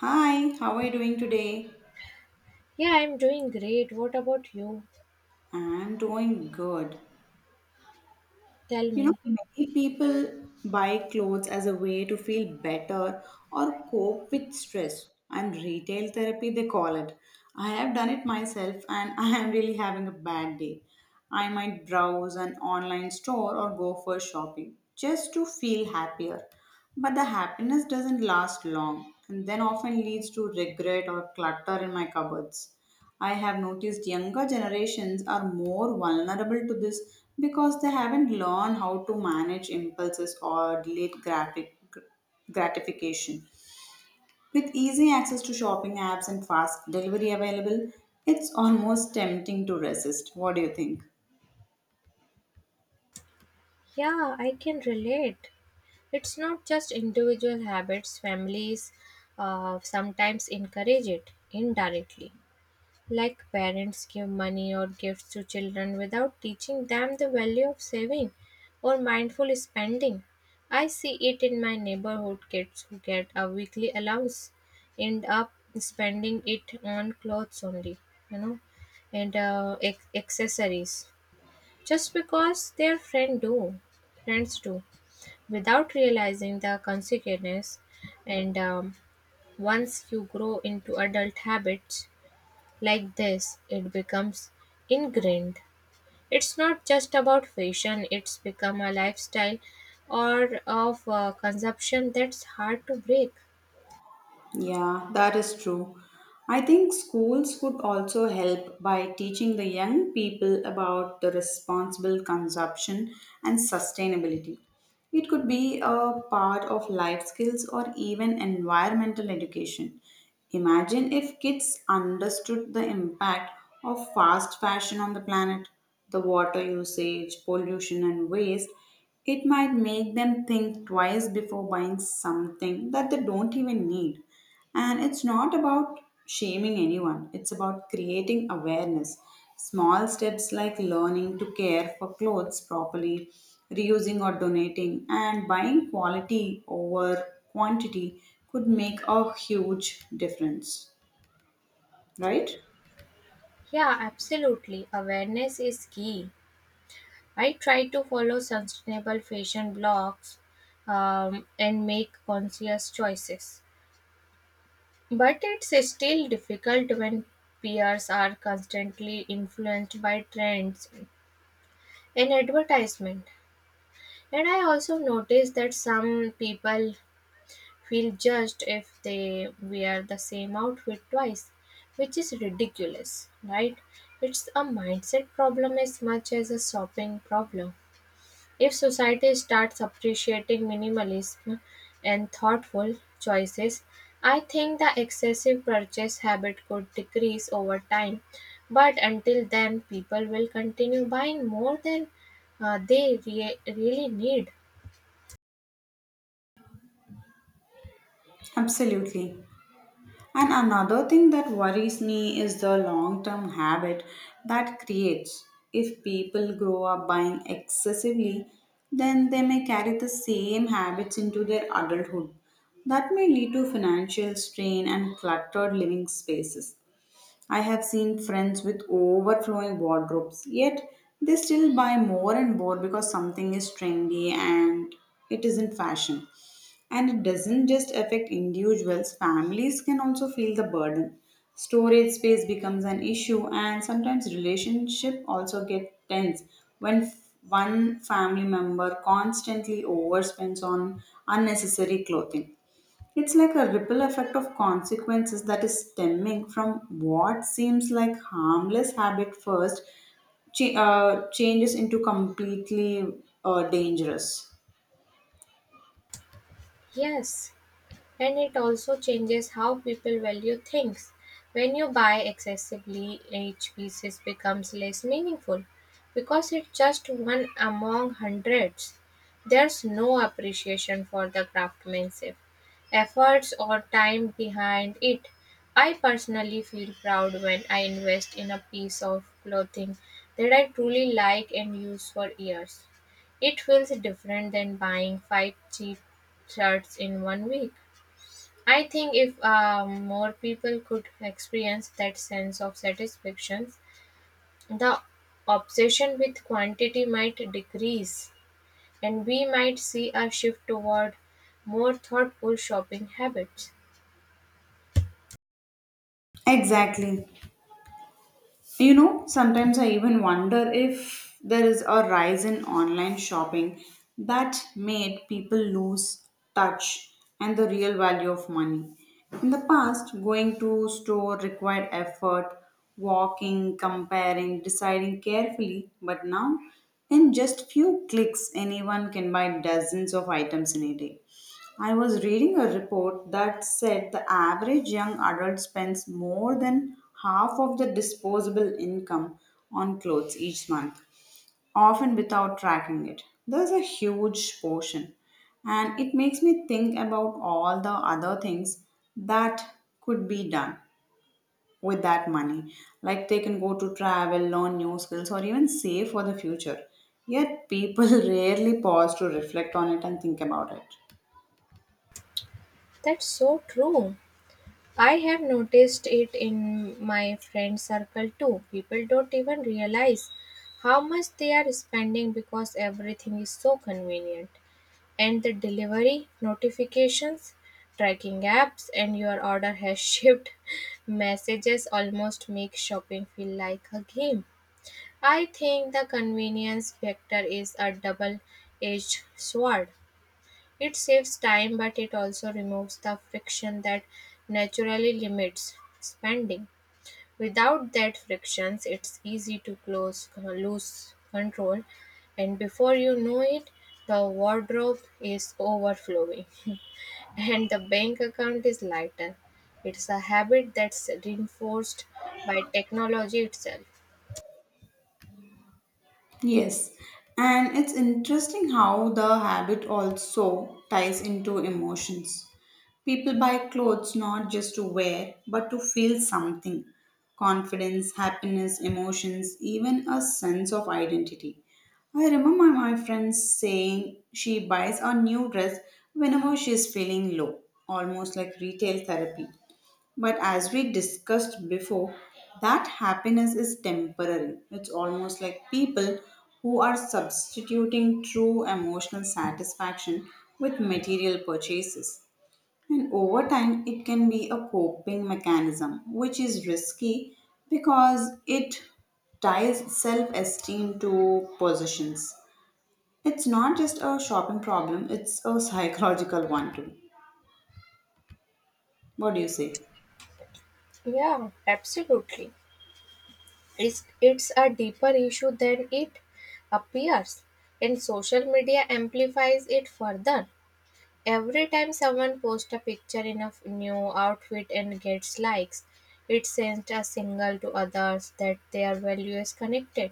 Hi, how are you doing today? Yeah, I'm doing great. What about you? I'm doing good. Tell You know, me. many people buy clothes as a way to feel better or cope with stress, and retail therapy they call it. I have done it myself and I am really having a bad day. I might browse an online store or go for shopping just to feel happier. But the happiness doesn't last long and then often leads to regret or clutter in my cupboards. I have noticed younger generations are more vulnerable to this because they haven't learned how to manage impulses or delayed graphic, gratification. With easy access to shopping apps and fast delivery available, it's almost tempting to resist. What do you think? Yeah, I can relate. It's not just individual habits, families sometimes encourage it indirectly. Like parents give money or gifts to children without teaching them the value of saving or mindful spending. I see it in my neighborhood kids who get a weekly allowance end up spending it on clothes only, you know, and uh, ac- accessories just because their friend do friends do without realizing the consequences and once you grow into adult habits like this, it becomes ingrained. It's not just about fashion, it's become a lifestyle or of consumption that's hard to break. Yeah, that is true. I think schools could also help by teaching the young people about the responsible consumption and sustainability. It could be a part of life skills or even environmental education. Imagine if kids understood the impact of fast fashion on the planet, the water usage, pollution, and waste. It might make them think twice before buying something that they don't even need. And it's not about shaming anyone, it's about creating awareness. Small steps like learning to care for clothes properly, reusing or donating, and buying quality over quantity could make a huge difference, right? Yeah, absolutely. Awareness is key. I try to follow sustainable fashion blogs, and make conscious choices. But it's still difficult when peers are constantly influenced by trends and advertisement. And I also noticed that some people feel judged if they wear the same outfit twice, which is ridiculous, right? It's a mindset problem as much as a shopping problem. If society starts appreciating minimalism and thoughtful choices, I think the excessive purchase habit could decrease over time. But until then, people will continue buying more than really need. Absolutely. And another thing that worries me is the long term habit that creates. If people grow up buying excessively, then they may carry the same habits into their adulthood. That may lead to financial strain and cluttered living spaces. I have seen friends with overflowing wardrobes, yet they still buy more and more because something is trendy and it isn't fashion. And it doesn't just affect individuals, families can also feel the burden. Storage space becomes an issue, and sometimes relationship also get tense when one family member constantly overspends on unnecessary clothing. It's like a ripple effect of consequences that is stemming from what seems like harmless habit first changes into completely dangerous. Yes, and it also changes how people value things. When you buy excessively, each piece becomes less meaningful because it's just one among hundreds. There's no appreciation for the craftsmanship, efforts, or time behind it. I personally feel proud when I invest in a piece of clothing that I truly like and use for years. It feels different than buying five cheap shirts in one week. I think if more people could experience that sense of satisfaction, the obsession with quantity might decrease and we might see a shift toward more thoughtful shopping habits. Exactly. You know, sometimes I even wonder if there is a rise in online shopping that made people lose touch and the real value of money. In the past, going to store required effort, walking, comparing, deciding carefully, but now in just few clicks anyone can buy dozens of items in a day. I was reading a report that said the average young adult spends more than half of the disposable income on clothes each month, often without tracking it. There's a huge portion, and it makes me think about all the other things that could be done with that money. Like they can go to travel, learn new skills, or even save for the future. Yet people rarely pause to reflect on it and think about it. That's so true. I have noticed it in my friend circle too. People don't even realize how much they are spending because everything is so convenient. And the delivery notifications, tracking apps, and your order has shipped messages almost make shopping feel like a game. I think the convenience factor is a double edged sword. It saves time, but it also removes the friction that naturally limits spending. Without that frictions, it's easy to close lose control, and before you know it, the wardrobe is overflowing, and the bank account is lighter. It's a habit that's reinforced by technology itself. Yes, and it's interesting how the habit also ties into emotions. People buy clothes not just to wear, but to feel something confidence, happiness, emotions, even a sense of identity. I remember my friend saying she buys a new dress whenever she is feeling low, almost like retail therapy. But as we discussed before, that happiness is temporary. It's almost like people who are substituting true emotional satisfaction with material purchases. And over time, it can be a coping mechanism, which is risky because it ties self esteem to possessions. It's not just a shopping problem, it's a psychological one too. What do you say? Yeah, absolutely. It's a deeper issue than it appears, and social media amplifies it further. Every time someone posts a picture in a new outfit and gets likes, it sends a signal to others that their value is connected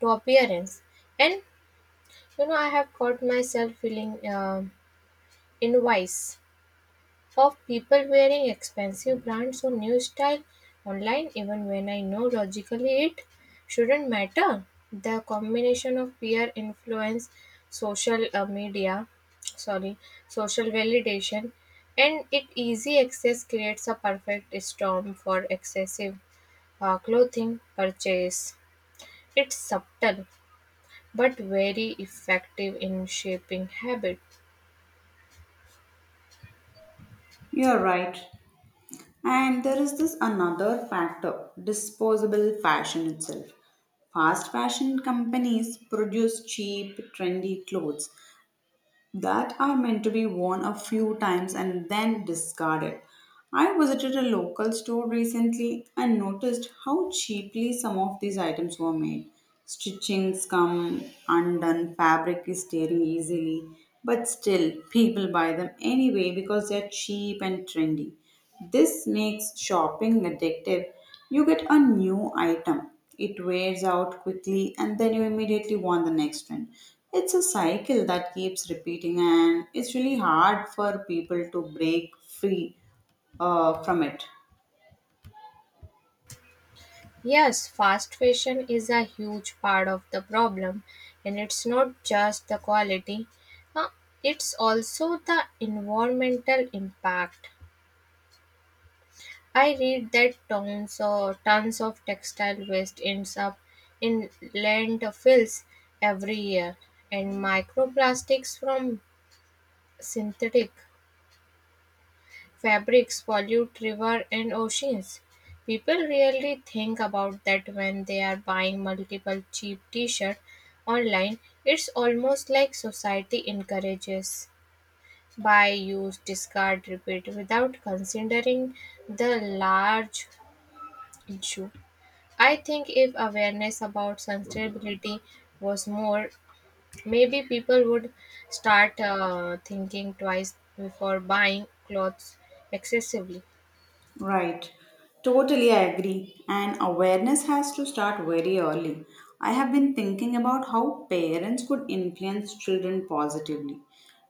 to appearance. And you know, I have caught myself feeling envious of people wearing expensive brands or new style online even when I know logically it shouldn't matter. The combination of peer influence, social uh, media, sorry, social validation and it easy access creates a perfect storm for excessive clothing purchase. It's subtle but very effective in shaping habit. You're right. And there is this another factor disposable fashion itself. Fast fashion companies produce cheap, trendy clothes that are meant to be worn a few times and then discarded. I visited a local store recently and noticed how cheaply some of these items were made. Stitchings come undone, fabric is tearing easily, but still, people buy them anyway because they're cheap and trendy. This makes shopping addictive. You get a new item, it wears out quickly, and then you immediately want the next one. It's a cycle that keeps repeating, and it's really hard for people to break free from it. Yes, fast fashion is a huge part of the problem, and it's not just the quality, uh, it's also the environmental impact. I read that tons or tons of textile waste ends up in landfills every year, and microplastics from synthetic fabrics pollute rivers and oceans. People rarely think about that when they are buying multiple cheap t-shirts online. It's almost like society encourages buy, use, discard, repeat without considering the large issue. I think if awareness about sustainability was more, maybe people would start thinking twice before buying clothes excessively. Right. Totally, I agree. And awareness has to start very early. I have been thinking about how parents could influence children positively.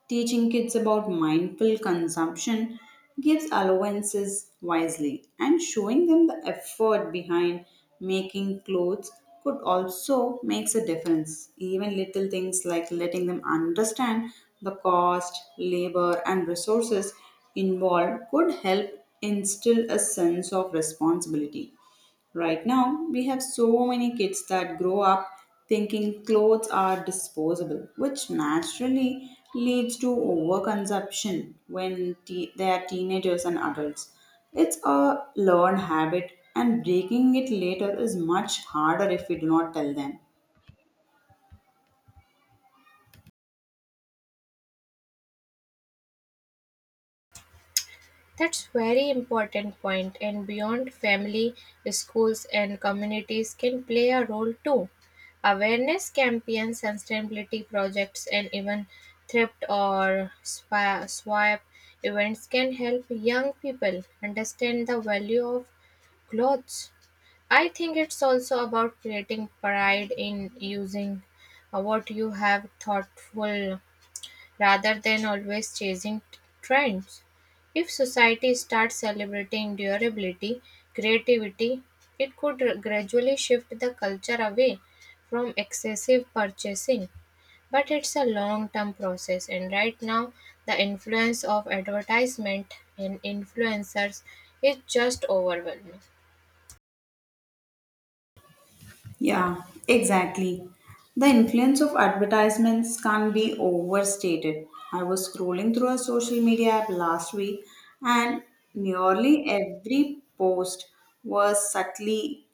Teaching kids about mindful consumption gives allowances wisely, and showing them the effort behind making clothes could also makes a difference. Even little things like letting them understand the cost, labor, and resources involved could help instill a sense of responsibility. Right now, we have so many kids that grow up thinking clothes are disposable, which naturally leads to overconsumption when they are teenagers and adults. It's a learned habit, and breaking it later is much harder if we do not tell them. That's very important point, and beyond family, schools and communities can play a role too. Awareness campaigns, sustainability projects and even swap events can help young people understand the value of clothes. I think it's also about creating pride in using what you have thoughtful rather than always chasing trends. If society starts celebrating durability, creativity, it could gradually shift the culture away from excessive purchasing. But it's a long term process, and right now, the influence of advertisement and influencers is just overwhelming. Yeah, exactly. The influence of advertisements can't be overstated. I was scrolling through a social media app last week, and nearly every post was subtly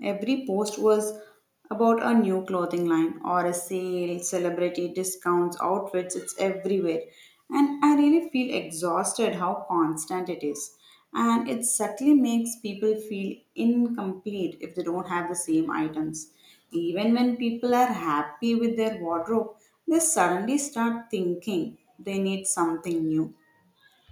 every post was about a new clothing line or a sale, celebrity discounts, outfits, it's everywhere. And I really feel exhausted how constant it is. And it subtly makes people feel incomplete if they don't have the same items. Even when people are happy with their wardrobe, they suddenly start thinking they need something new.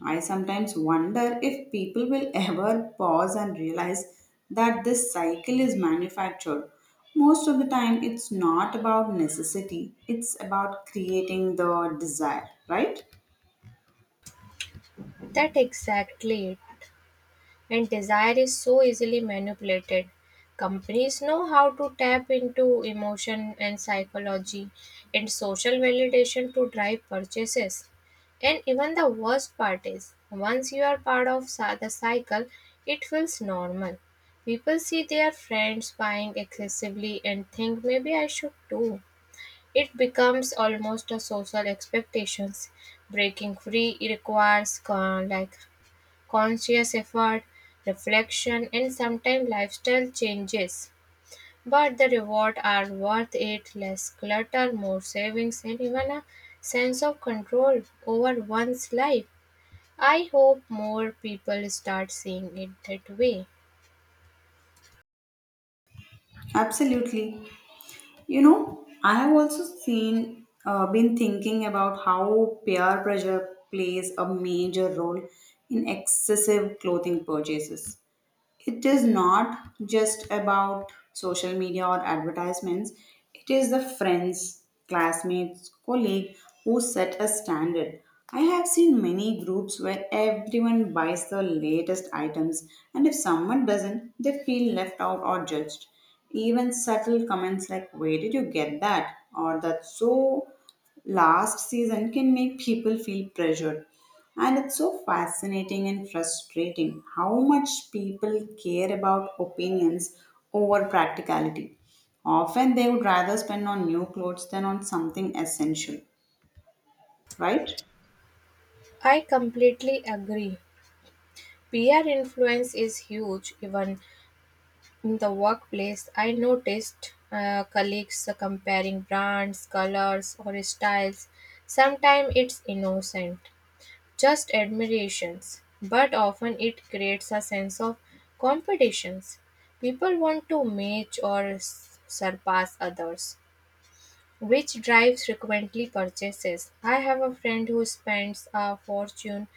I sometimes wonder if people will ever pause and realize that this cycle is manufactured. Most of the time, it's not about necessity, it's about creating the desire, right? That exactly it. And desire is so easily manipulated. Companies know how to tap into emotion and psychology and social validation to drive purchases. And even the worst part is, once you are part of the cycle, it feels normal. People see their friends buying excessively and think maybe I should too. It becomes almost a social expectations. Breaking free requires conscious effort, reflection, and sometimes lifestyle changes. But the rewards are worth it less clutter, more savings, and even a sense of control over one's life. I hope more people start seeing it that way. Absolutely. You know, I have also seen, been thinking about how peer pressure plays a major role in excessive clothing purchases. It is not just about social media or advertisements, it is the friends, classmates, colleague who set a standard. I have seen many groups where everyone buys the latest items, and if someone doesn't, they feel left out or judged. Even subtle comments like where did you get that or that's so last season can make people feel pressured. And it's so fascinating and frustrating how much people care about opinions over practicality. Often they would rather spend on new clothes than on something essential, right? I completely agree. Peer influence is huge, even in the workplace. I noticed colleagues comparing brands, colors, or styles. Sometimes it's innocent, just admirations, but often it creates a sense of competitions. People want to match or surpass others, which drives frequently purchases. I have a friend who spends a fortune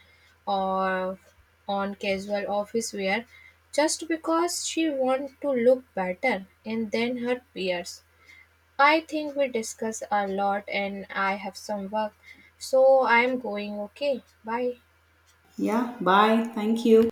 or on casual office wear just because she wants to look better and then her peers. I think we discuss a lot and I have some work. So I am going. Okay. Bye. Yeah, bye. Thank you.